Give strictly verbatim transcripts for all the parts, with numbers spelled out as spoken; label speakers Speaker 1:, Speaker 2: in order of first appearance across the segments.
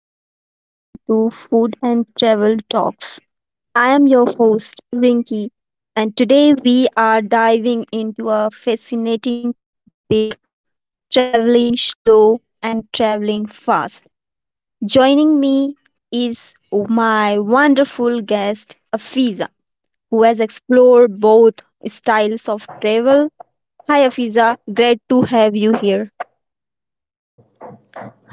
Speaker 1: Hello and welcome to Food and Travel Talks. I am your host, Rinki, and today we are diving into a fascinating topic: traveling slow and traveling fast. Joining me is my wonderful guest, Afiza, who has explored both styles of travel. Hi, Afiza, great to have you here.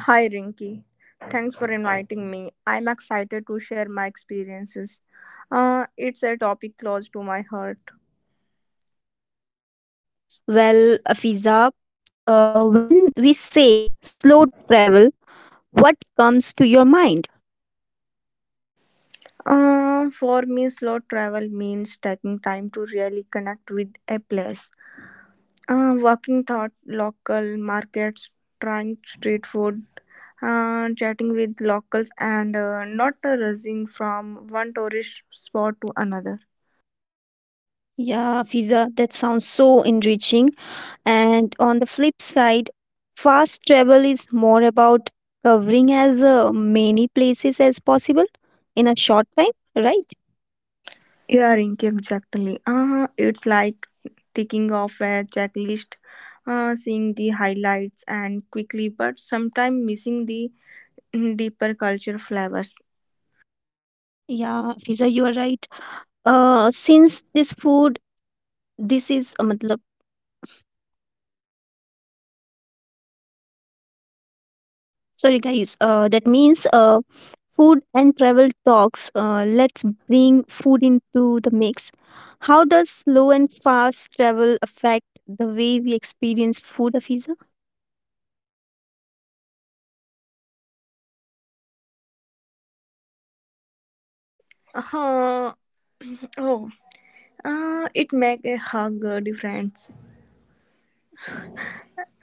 Speaker 2: Hi Rinki, thanks for inviting me. I'm excited to share my experiences. Uh, it's a topic close to my heart.
Speaker 1: Well, Afiza, uh, when we say slow travel, what comes to your mind?
Speaker 2: Uh, for me, slow travel means taking time to really connect with a place. Uh, walking through local markets, trying street food, uh, chatting with locals, and uh, not rushing from one tourist spot to another.
Speaker 1: Yeah, Fiza, that sounds so enriching. And on the flip side, fast travel is more about covering as uh, many places as possible in a short time, right?
Speaker 2: Yeah, Rinki, exactly. Uh, it's like ticking off a checklist, uh, seeing the highlights and quickly, but sometimes missing the deeper culture flavors.
Speaker 1: Yeah, Fiza, you are right. Uh, since this food, this is a matlab. Sorry, guys. Uh, that means uh, food and travel talks. Uh, let's bring food into the mix. How does slow and fast travel affect the way we experience food, Afiza?
Speaker 2: Uh, oh, uh, it make a hug uh, difference.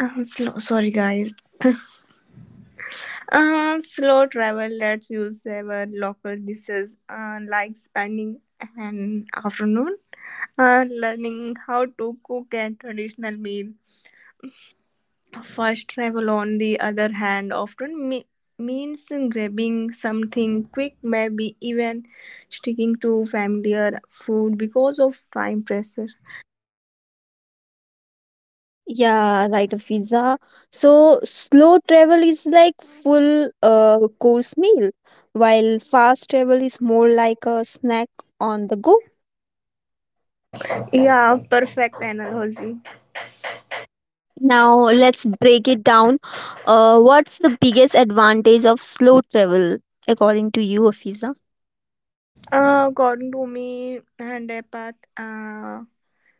Speaker 2: Uh, slow, sorry guys. Uh, slow travel lets you savor local dishes, uh, like spending an afternoon uh, learning how to cook a traditional meal. Fast travel, on the other hand, often me- means grabbing something quick, maybe even sticking to familiar food because of time pressure.
Speaker 1: Yeah, right, Afiza. So slow travel is like full uh, course meal, while fast travel is more like a snack on the go.
Speaker 2: Yeah, perfect analogy.
Speaker 1: Now let's break it down. Uh, what's the biggest advantage of slow travel according to you, Afiza?
Speaker 2: Uh, according to me, and a path, uh,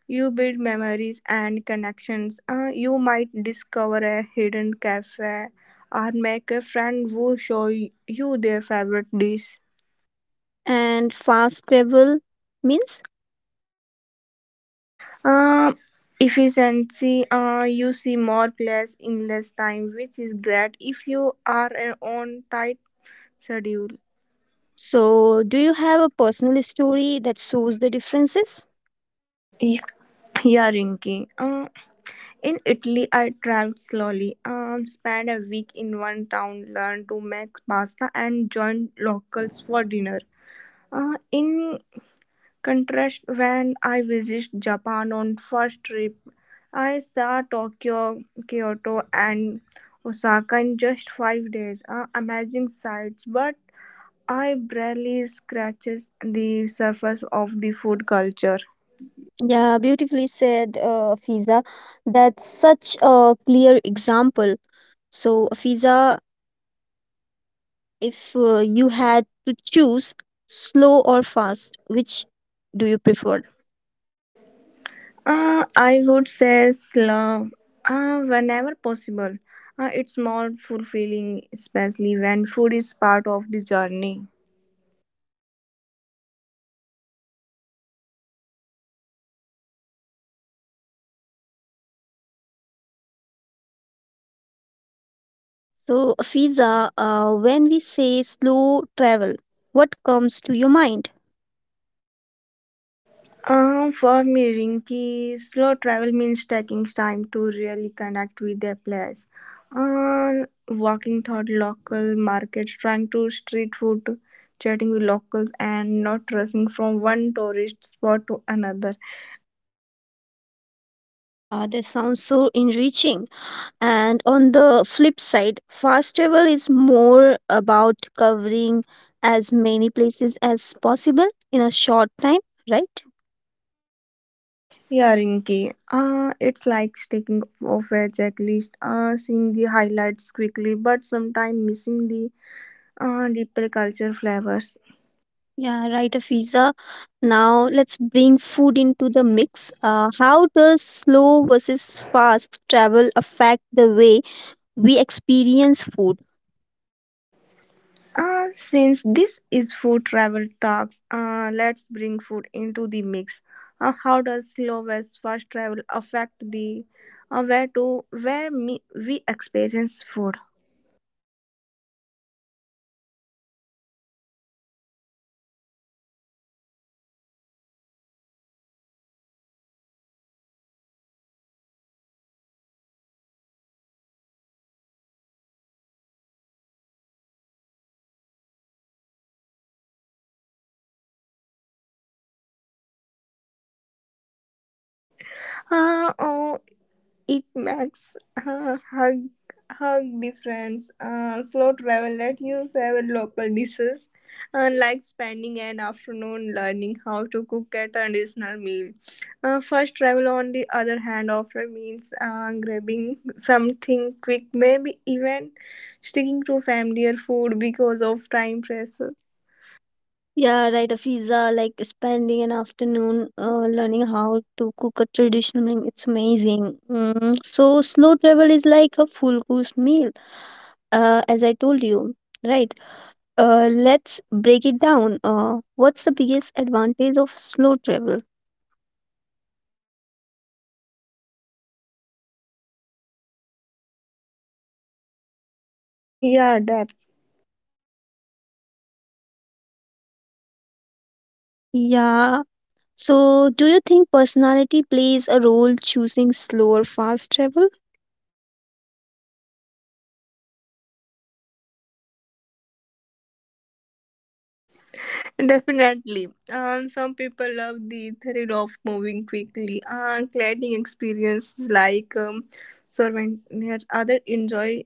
Speaker 2: you build memories and connections. Uh, you might discover a hidden cafe or make a friend who show you their favorite dish.
Speaker 1: And fast travel means.
Speaker 2: Um, Efficiency, uh, you see more players in less time, which is great if you are uh, on tight schedule.
Speaker 1: So, do you have a personal story that shows the differences?
Speaker 2: Y- Yeah, Rinky. Uh, in Italy, I traveled slowly. Um, spent a week in one town, learned to make pasta, and joined locals for dinner. Uh, in contrast, when I visited Japan on first trip, I saw Tokyo, Kyoto, and Osaka in just five days. Uh, amazing sights, but I barely scratches the surface of the food culture.
Speaker 1: Yeah, beautifully said, uh, Fiza. That's such a clear example. So, Fiza, if uh, you had to choose slow or fast, which do you prefer?
Speaker 2: Uh, I would say slow, uh, whenever possible. Uh, it's more fulfilling, especially when food is part of the journey.
Speaker 1: So, Fiza, uh, when we say slow travel, what comes to your mind?
Speaker 2: Um, for me, Rinki, slow travel means taking time to really connect with a place. Um, walking through local markets, trying to street food, chatting with locals, and not rushing from one tourist spot to another.
Speaker 1: Yeah, that sounds so enriching. And on the flip side, fast travel is more about covering as many places as possible in a short time, right?
Speaker 2: Yeah, Rinki. Uh, it's like taking off a checklist, uh, seeing the highlights quickly, but sometimes missing the uh, deeper culture flavors.
Speaker 1: Yeah, right, Afiza. Now let's bring food into the mix. Uh, how does slow versus fast travel affect the way we experience food?
Speaker 2: Uh, since this is food travel talks, uh, let's bring food into the mix. Uh, how does slow versus fast travel affect the uh, where to where me, we experience food? Uh, oh, it makes uh, hug hug difference. Uh, slow travel let you save local dishes, uh, like spending an afternoon learning how to cook a traditional meal. Uh, first travel, on the other hand, often means uh, grabbing something quick, maybe even sticking to familiar food because of time pressure.
Speaker 1: Yeah, right, Afiza. Like spending an afternoon uh, learning how to cook a traditional meal, it's amazing. Mm, so slow travel is like a full course meal, uh, as I told you, right? Uh, let's break it down. Uh, what's the biggest advantage of slow travel?
Speaker 2: Yeah, definitely.
Speaker 1: Yeah. So, do you think personality plays a role choosing slow or fast travel?
Speaker 2: Definitely. Um, some people love the thrill of moving quickly. And gliding experiences like um, souvenirs. Others enjoy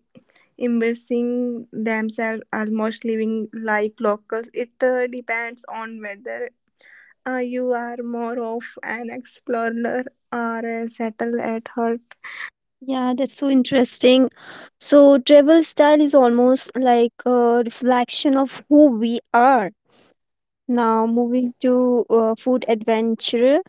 Speaker 2: immersing themselves, almost living like locals. It uh, depends on whether uh, you are more of an explorer or a settle at heart.
Speaker 1: Yeah, that's so interesting. So, travel style is almost like a reflection of who we are. Now, moving to uh, food adventure.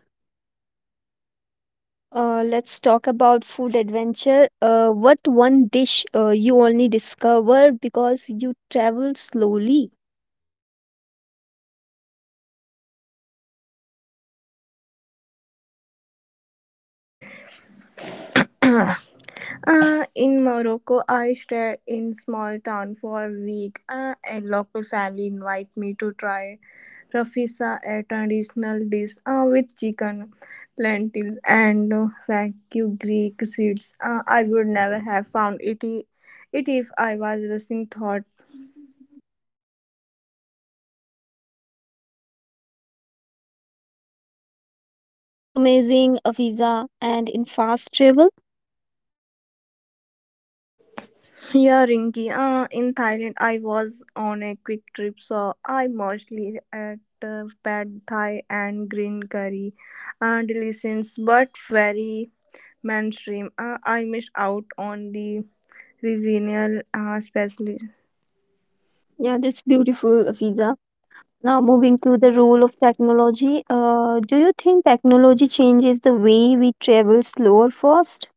Speaker 1: Uh, let's talk about food adventure. Uh, what one dish uh, you only discover because you travel slowly?
Speaker 2: Uh, in Morocco, I stayed in small town for a week. Uh, a local family invited me to try Profisa, a traditional dish uh, with chicken, lentils, and uh, vacuum Greek seeds. Uh, I would never have found it, i- it if I was rushing thought.
Speaker 1: Yeah, that's so amazing, Afiza. And in fast travel,
Speaker 2: Yeah, Rinky, uh, in Thailand, I was on a quick trip, so I mostly ate uh, pad thai and green curry. Uh, delicious, but very mainstream. Uh, I missed out on the regional uh, specialty.
Speaker 1: yeah, that's beautiful, Afiza. Now moving to the role of technology. Uh, do you think technology changes the way we travel slow or fast?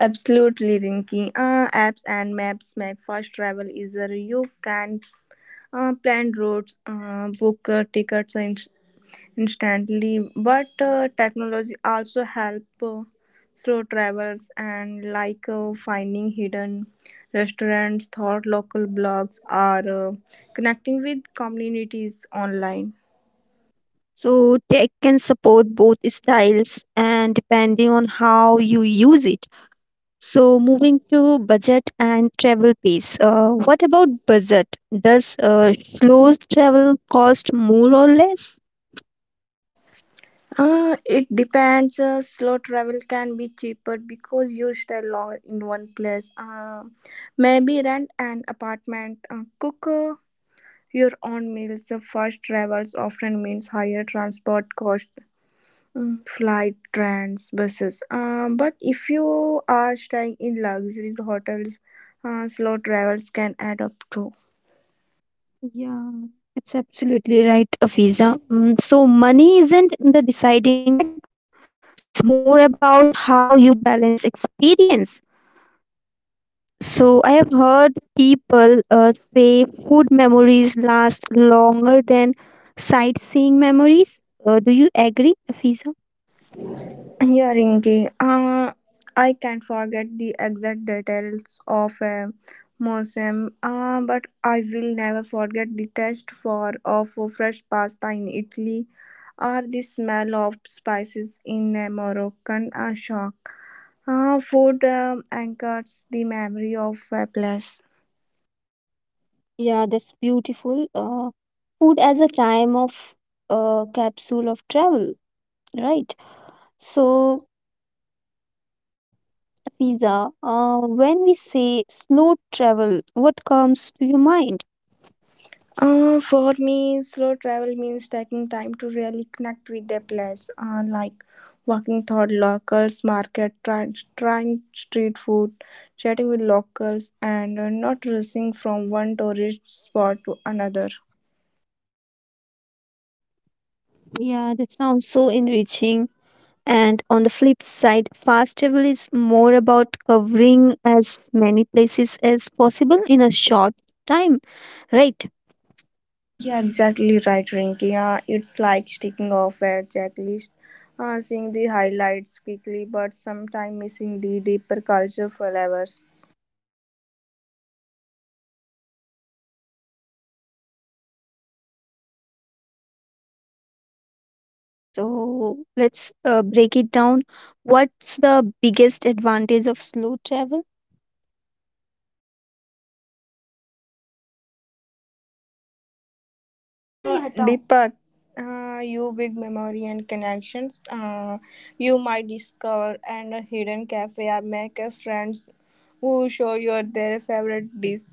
Speaker 2: Absolutely, Rinki. Uh, apps and maps make fast travel easier. You can uh, plan routes, uh, book uh, tickets in- instantly. But uh, technology also help uh, slow travels and like uh, finding hidden restaurants, thought local blogs, or uh, connecting with communities online.
Speaker 1: So tech can support both styles and depending on how you use it. So, moving to budget and travel piece. Uh, what about budget? Does uh, slow travel cost more or less?
Speaker 2: Uh, it depends. Uh, slow travel can be cheaper because you stay longer in one place. Uh, maybe rent an apartment, uh, cook uh, your own meals. The fast travels often means higher transport cost, mm, flight, trains, buses. Um, but if you are staying in luxury hotels, uh, slow travels can add up too.
Speaker 1: Yeah, it's absolutely right, Afiza. Mm, so, money isn't the deciding factor. It's more about how you balance experience. So, I have heard people uh, say food memories last longer than sightseeing memories. Uh, do you agree, Afiza?
Speaker 2: Yeah, Rinki. Uh, I can't forget the exact details of a museum, uh, but I will never forget the taste for of fresh pasta in Italy or the smell of spices in a Moroccan uh, shop. Uh, food uh, anchors the memory of a place.
Speaker 1: Yeah, that's beautiful. Uh, food as a time of, uh, capsule of travel, right? So, Fiza, uh, when we say slow travel, what comes to your mind?
Speaker 2: Uh, for me, slow travel means taking time to really connect with the place, uh, like walking through locals, market, try, trying street food, chatting with locals, and uh, not rushing from one tourist spot to another.
Speaker 1: Yeah, that sounds so enriching. And on the flip side, fast travel is more about covering as many places as possible in a short time, right?
Speaker 2: Yeah, exactly right, Rinky. Uh, it's like sticking off a checklist, uh, seeing the highlights quickly, but sometimes missing the deeper cultural flavors.
Speaker 1: So let's uh, break it down. What's the biggest advantage of slow travel?
Speaker 2: Uh, Deepak, uh, you with memory and connections, uh, you might discover and a hidden cafe or make a friends who show you their favorite dish.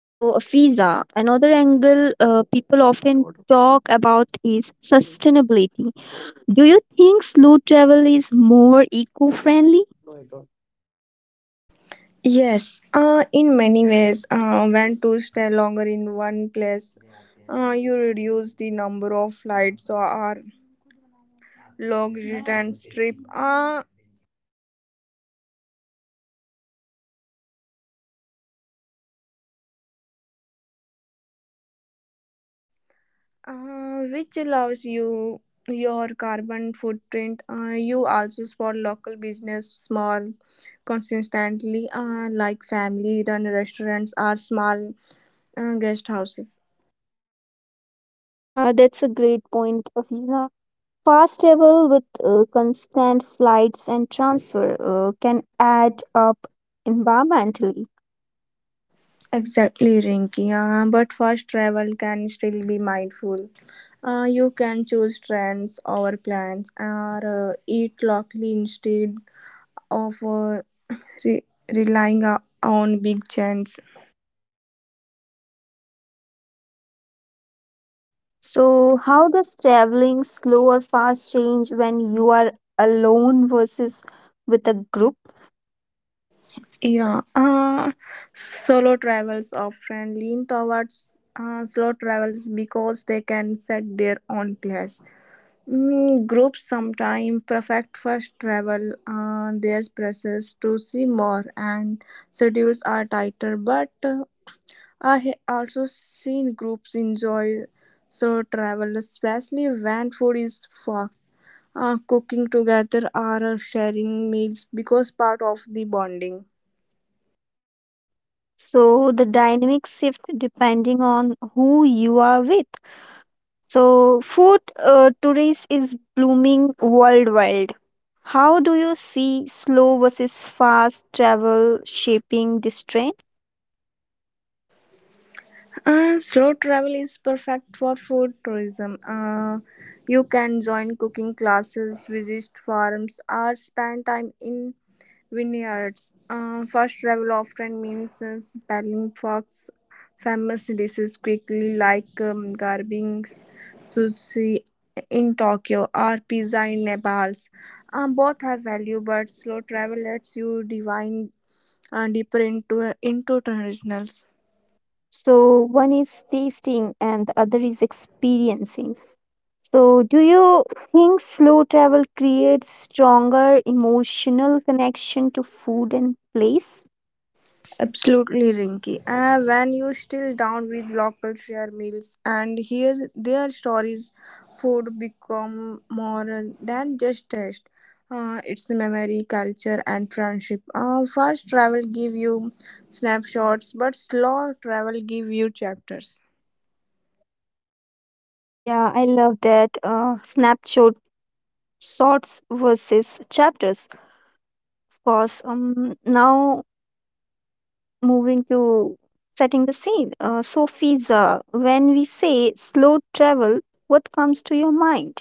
Speaker 1: So, a visa, another angle uh, people often talk about is sustainability. Do you think slow travel is more eco friendly?
Speaker 2: Yes, uh, in many ways, uh, when to stay longer in one place, uh, you reduce the number of flights or long distance trip. Uh, uh, which allows you your carbon footprint. Uh, you also support local business, small, consistently, uh, like family-run restaurants or small uh, guest houses.
Speaker 1: Yeah, that's a great point, Afiza. Fast travel with uh, constant flights and transfer uh, can add up environmentally.
Speaker 2: Exactly, Rinky. Uh, but first, travel can still be mindful. Uh, you can choose trends over plans or uh, eat locally instead of uh, re- relying o- on big chains.
Speaker 1: So, how does traveling slow or fast change when you are alone versus with a group?
Speaker 2: Yeah, uh, solo travels often lean towards uh, slow travels because they can set their own pace. Mm, groups sometimes perfect first travel uh, their process to see more, and schedules are tighter. But uh, I have also seen groups enjoy solo travel, especially when food is fast. Uh, cooking together or sharing meals because part of the bonding.
Speaker 1: So, the dynamic shift depending on who you are with. So, food uh, tourism is blooming worldwide. How do you see slow versus fast travel shaping this trend?
Speaker 2: Uh, slow travel is perfect for food tourism. Uh, you can join cooking classes, visit farms, or spend time in vineyards. Uh, fast travel often means uh, spelling fox famous dishes quickly, like um, garbing sushi in Tokyo or pizza in Naples. Um, both have value, but slow travel lets you divine uh, deeper into into traditionals.
Speaker 1: So one is tasting and the other is experiencing. So do you think slow travel creates stronger emotional connection to food and place?
Speaker 2: Absolutely, Rinky. Ah, when you still down with local share meals and hear their stories, food become more than just taste. Uh, it's memory, culture, and friendship. Uh, fast travel give you snapshots, but slow travel give you chapters.
Speaker 1: Yeah, I love that. Uh, snapshot shots versus chapters. Of course, um, now moving to setting the scene. Uh, so Fiza, when we say slow travel, what comes to your mind?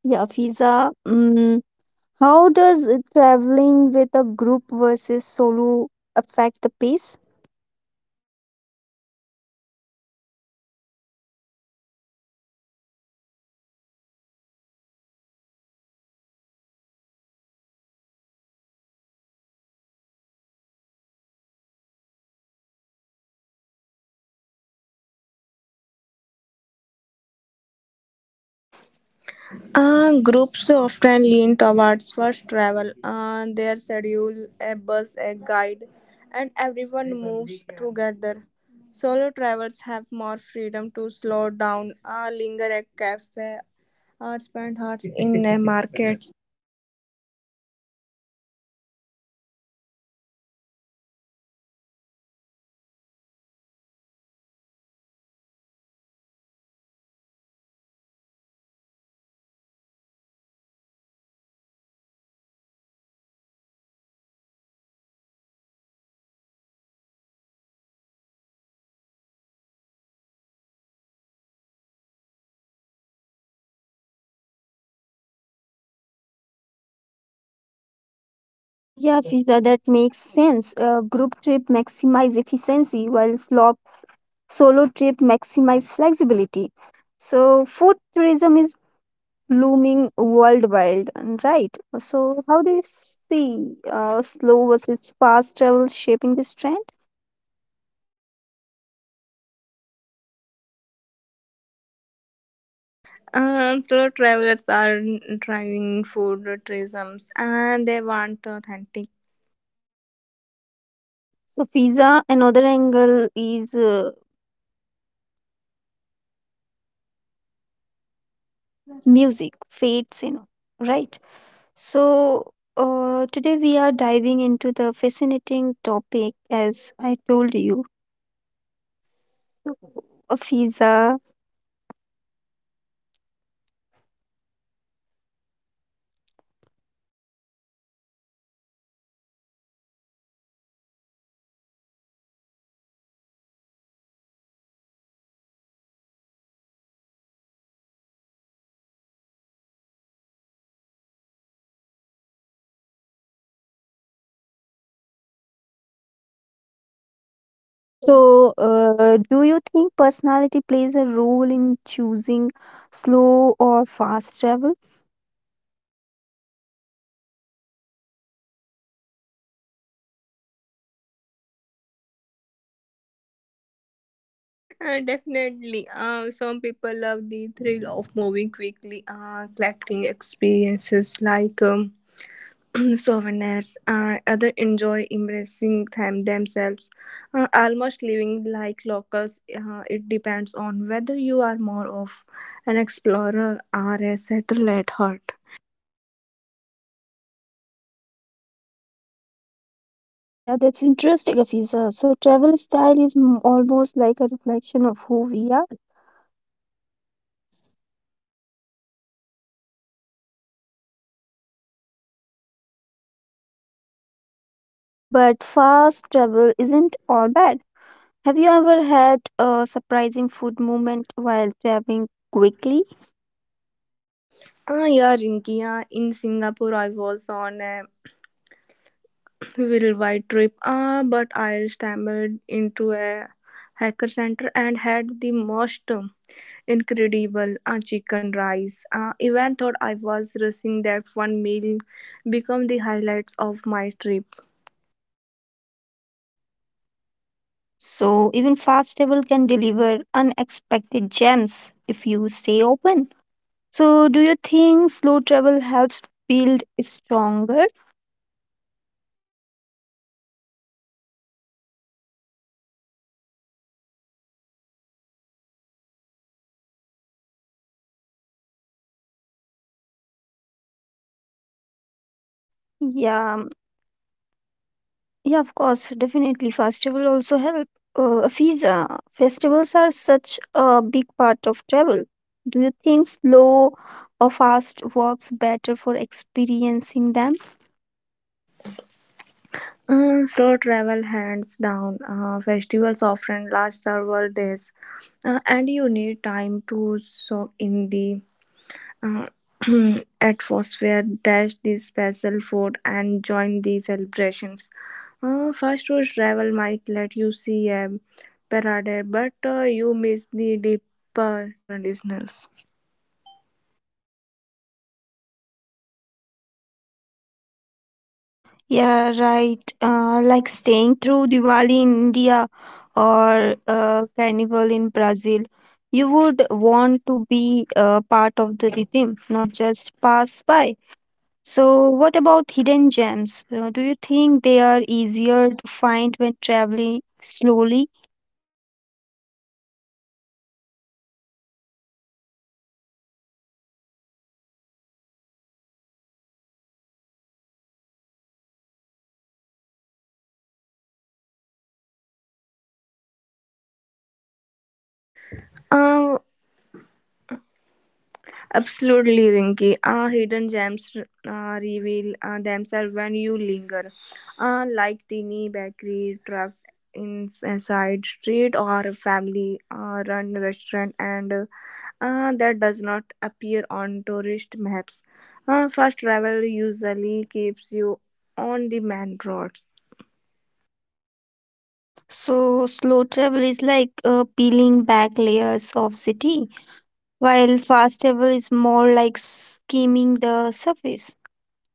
Speaker 1: Yeah, Fiza. Mm, how does uh, traveling with a group versus solo affect the pace?
Speaker 2: Uh, groups often lean towards first travel. Uh, their schedule, a bus, a guide, and everyone moves together. Solo travelers have more freedom to slow down, uh, linger at cafe, or spend hours in a market.
Speaker 1: Yeah, Fiza, that makes sense. Uh, group trip maximize efficiency while slop solo trip maximize flexibility. So food tourism is blooming worldwide, and right? So how do you see uh, slow versus fast travel shaping this trend?
Speaker 2: Uh, solo travelers are driving food tourisms and they want authentic.
Speaker 1: So Fiza, another angle is uh, music, fates, you know, right? So, uh, today we are diving into the fascinating topic, as I told you, of visa. So, uh, do you think personality plays a role in choosing slow or fast travel?
Speaker 2: Uh, definitely. Uh, some people love the thrill of moving quickly, uh, collecting experiences like um, souvenirs. Uh, others enjoy embracing them themselves, uh, almost living like locals. Uh, it depends on whether you are more of an explorer or a settler at heart.
Speaker 1: Yeah, that's interesting, Afisa. So, travel style is m- almost like a reflection of who we are, but fast travel isn't all bad. Have you ever had a surprising food moment while traveling quickly?
Speaker 2: Uh, yeah, Rinki, Yeah, in Singapore, I was on a worldwide trip, uh, but I stumbled into a hacker center and had the most incredible uh, chicken rice. Uh, even thought I was rushing that one meal become the highlights of my trip.
Speaker 1: So even fast table can deliver unexpected gems if you stay open. So do you think slow travel helps build stronger? Yeah, um, yeah, of course, definitely. Fast travel also help. Uh, visa festivals are such a big part of travel. Do you think slow or fast works better for experiencing them?
Speaker 2: Uh, slow travel hands down. Uh, festivals often last several days, uh, and you need time to soak in the uh, atmosphere, taste the special food, and join the celebrations. Uh, fast food travel might let you see a parade, but uh, you miss the deeper traditionals.
Speaker 1: Yeah, right. Uh, like staying through Diwali in India or uh, Carnival in Brazil, you would want to be uh, part of the rhythm, not just pass by. So, what about hidden gems? Uh, do you think they are easier to find when traveling slowly?
Speaker 2: Uh, Absolutely, Rinky. Uh, hidden gems uh, reveal uh, themselves when you linger, uh, like teeny bakery trapped in a side street or a family-run restaurant, and uh, that does not appear on tourist maps. Uh, fast travel usually keeps you on the main roads.
Speaker 1: So, slow travel is like uh, peeling back layers of city, while fast travel is more like skimming the surface.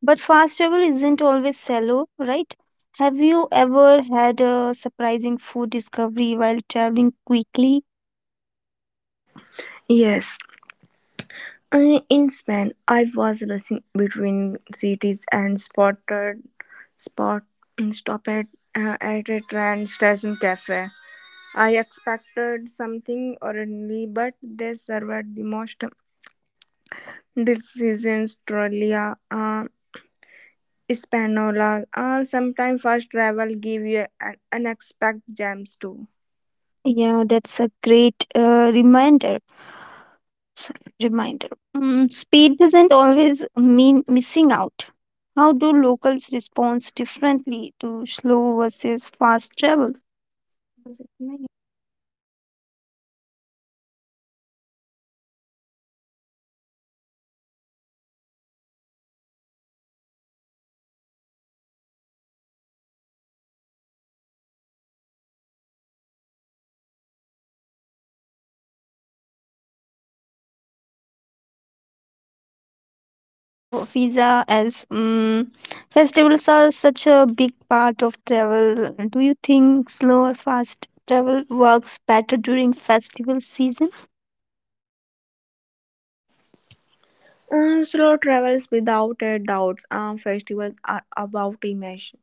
Speaker 1: But fast travel isn't always shallow, right? Have you ever had a surprising food discovery while traveling quickly?
Speaker 2: Yes, Uh, in Spain, I was racing between cities and spotted spot stopped at, uh, at a train station cafe. I expected something ordinary, but they served the most delicious trolia uh, espanola. Uh, sometimes fast travel give you an unexpected gems too.
Speaker 1: Yeah, that's a great uh, reminder. s- Reminder. Mm, speed doesn't always mean missing out. How do locals respond differently to slow versus fast travel? Does it matter? So, visa as um, festivals are such a big part of travel. Do you think slow or fast travel works better during festival season?
Speaker 2: Uh, slow travels without a doubt. Uh, festivals are about immersion.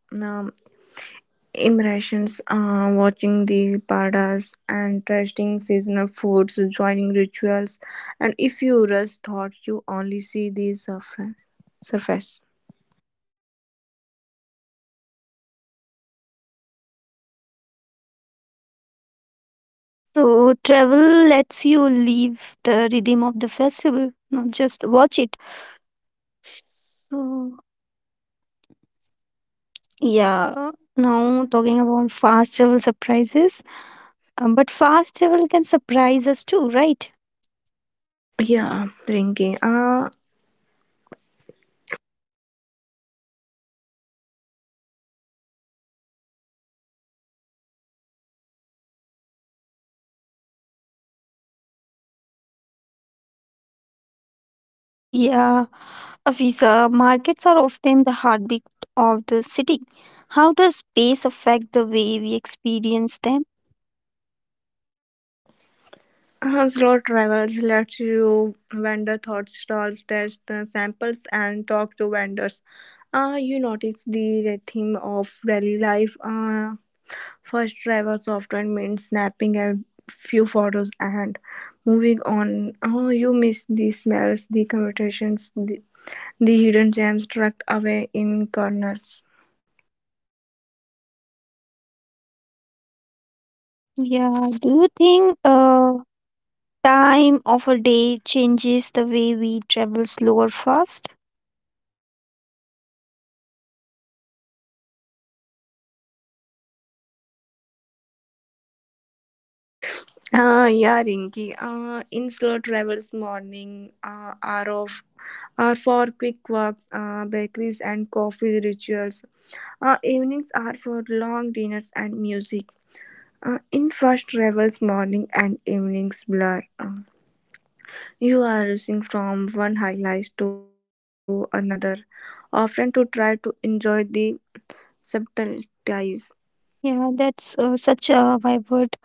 Speaker 2: immersions, uh, watching the padas and tasting seasonal foods, joining rituals, and if you rush thoughts, you only see the surface. Surface.
Speaker 1: So, travel lets you leave the rhythm of the festival, not just watch it. So, yeah, now talking about fast travel surprises, um, but fast travel can surprise us too, right?
Speaker 2: Yeah, drinking. Uh,
Speaker 1: Yeah, Afisa, markets are often the heartbeat of the city. How does space affect the way we experience them?
Speaker 2: uh, slow travels lets you vendor thought stalls, test the samples, and talk to vendors. Uh, you notice the rhythm of daily life. Uh, First, driver software meant snapping a few photos and moving on. Oh, you missed the smells, the conversations, the, the hidden gems tucked away in corners.
Speaker 1: Yeah, do you think uh, time of a day changes the way we travel slow or fast?
Speaker 2: Ah, yeah, Rinky. Ah, in slow travels morning uh, are of are for quick walks, uh, bakeries and coffee rituals. Uh, evenings are for long dinners and music. Uh, in fast travels morning and evenings blur. Uh, You are rushing from one highlight to another, often to try to enjoy the subtleties.
Speaker 1: Yeah, that's uh, such a vibrant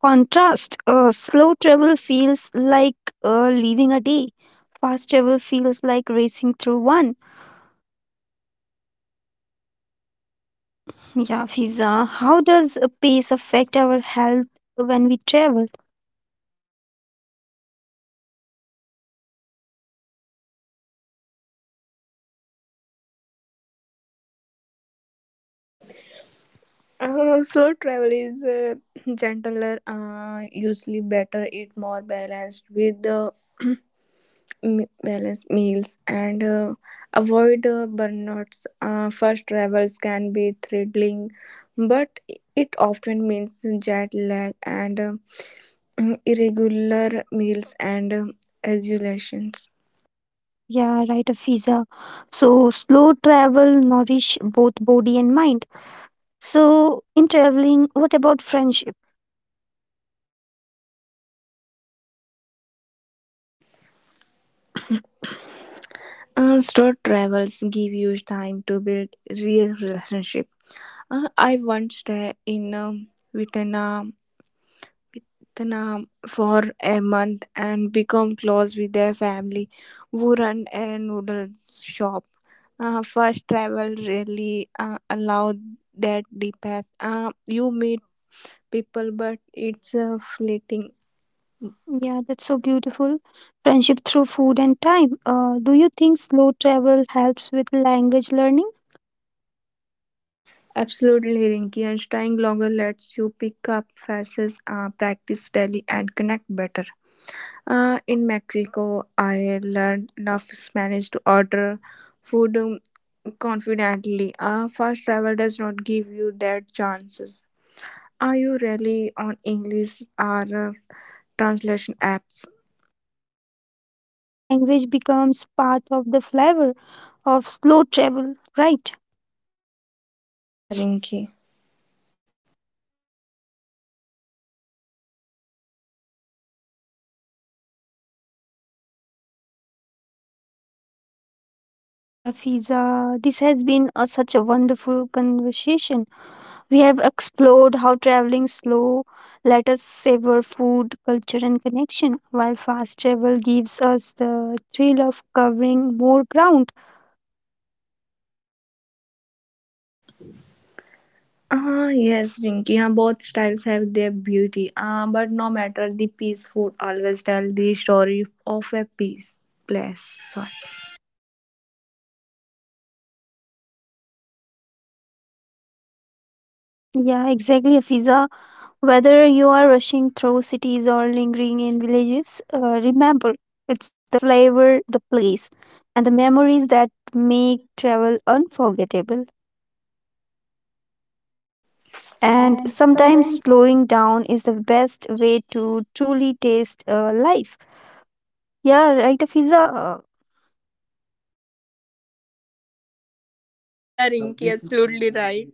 Speaker 1: contrast. Uh, slow travel feels like uh, leaving a day. Fast travel feels like racing through one. Yeah, Fiza, how does uh, pace affect our health when we travel?
Speaker 2: Uh, slow travel is uh, gentler, uh, usually better, eat more balanced with uh, m- balanced meals and uh, avoid uh, burnouts. Uh, first travels can be thrilling, but it often means jet lag and uh, irregular meals and uh, exhalations.
Speaker 1: Yeah, right, uh, Fiza. So, slow travel nourish both body and mind. So, in traveling, what about friendship?
Speaker 2: Uh, road travels give you time to build real relationship. Uh, I once stayed in um, Vietnam, Vietnam for a month and become close with their family who run a noodle shop. Uh, first travel really uh, allowed that deep path. Uh, you meet people, but it's uh, fleeting.
Speaker 1: Yeah, that's so beautiful. Friendship through food and time. Uh, do you think slow travel helps with language learning?
Speaker 2: Absolutely, Rinky, and staying longer lets you pick up faces, uh, practice daily, and connect better. Uh, in Mexico, I learned enough Spanish to order food um, confidently. Uh, fast travel does not give you that chances. Are you really on English or uh, translation apps?
Speaker 1: So, language becomes part of the flavor of slow travel, right?
Speaker 2: Yeah, Rinky.
Speaker 1: Yeah, Fiza, this has been a, such a wonderful conversation. We have explored how traveling slow let us savor food, culture, and connection, while fast travel gives us the thrill of covering more ground.
Speaker 2: Ah, yes, Rinky. Uh, both styles have their beauty. Uh, but no matter the piece, food always tell the story of a piece. Place. Sorry.
Speaker 1: Yeah, exactly, Afiza. Whether you are rushing through cities or lingering in villages, uh, remember it's the flavor, the place, and the memories that make travel unforgettable. And
Speaker 2: And
Speaker 1: sometimes
Speaker 2: sometimes.
Speaker 1: slowing down is the best way to truly taste uh, life. Yeah, right, Afiza. Uh,
Speaker 2: Yeah, Rinky, absolutely right.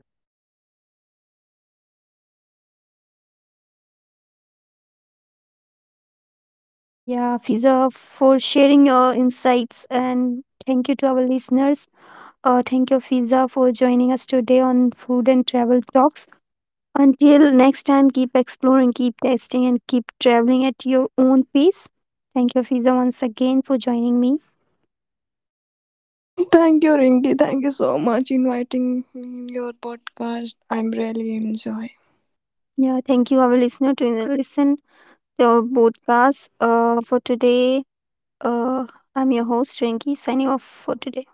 Speaker 1: Yeah, Fiza, for sharing your insights and thank you to our listeners. Uh, thank you, Fiza, for joining us today on Food and Travel Talks. Until next time, keep exploring, keep testing, and keep traveling at your own pace. Thank you, Fiza, once again for joining me.
Speaker 2: Thank you, Rinki. Thank you so much inviting me in your podcast. I'm really enjoying.
Speaker 1: Yeah, thank you, our listener, to listen to our podcast. Uh, for today, uh, I'm your host, Rinki, signing off for today.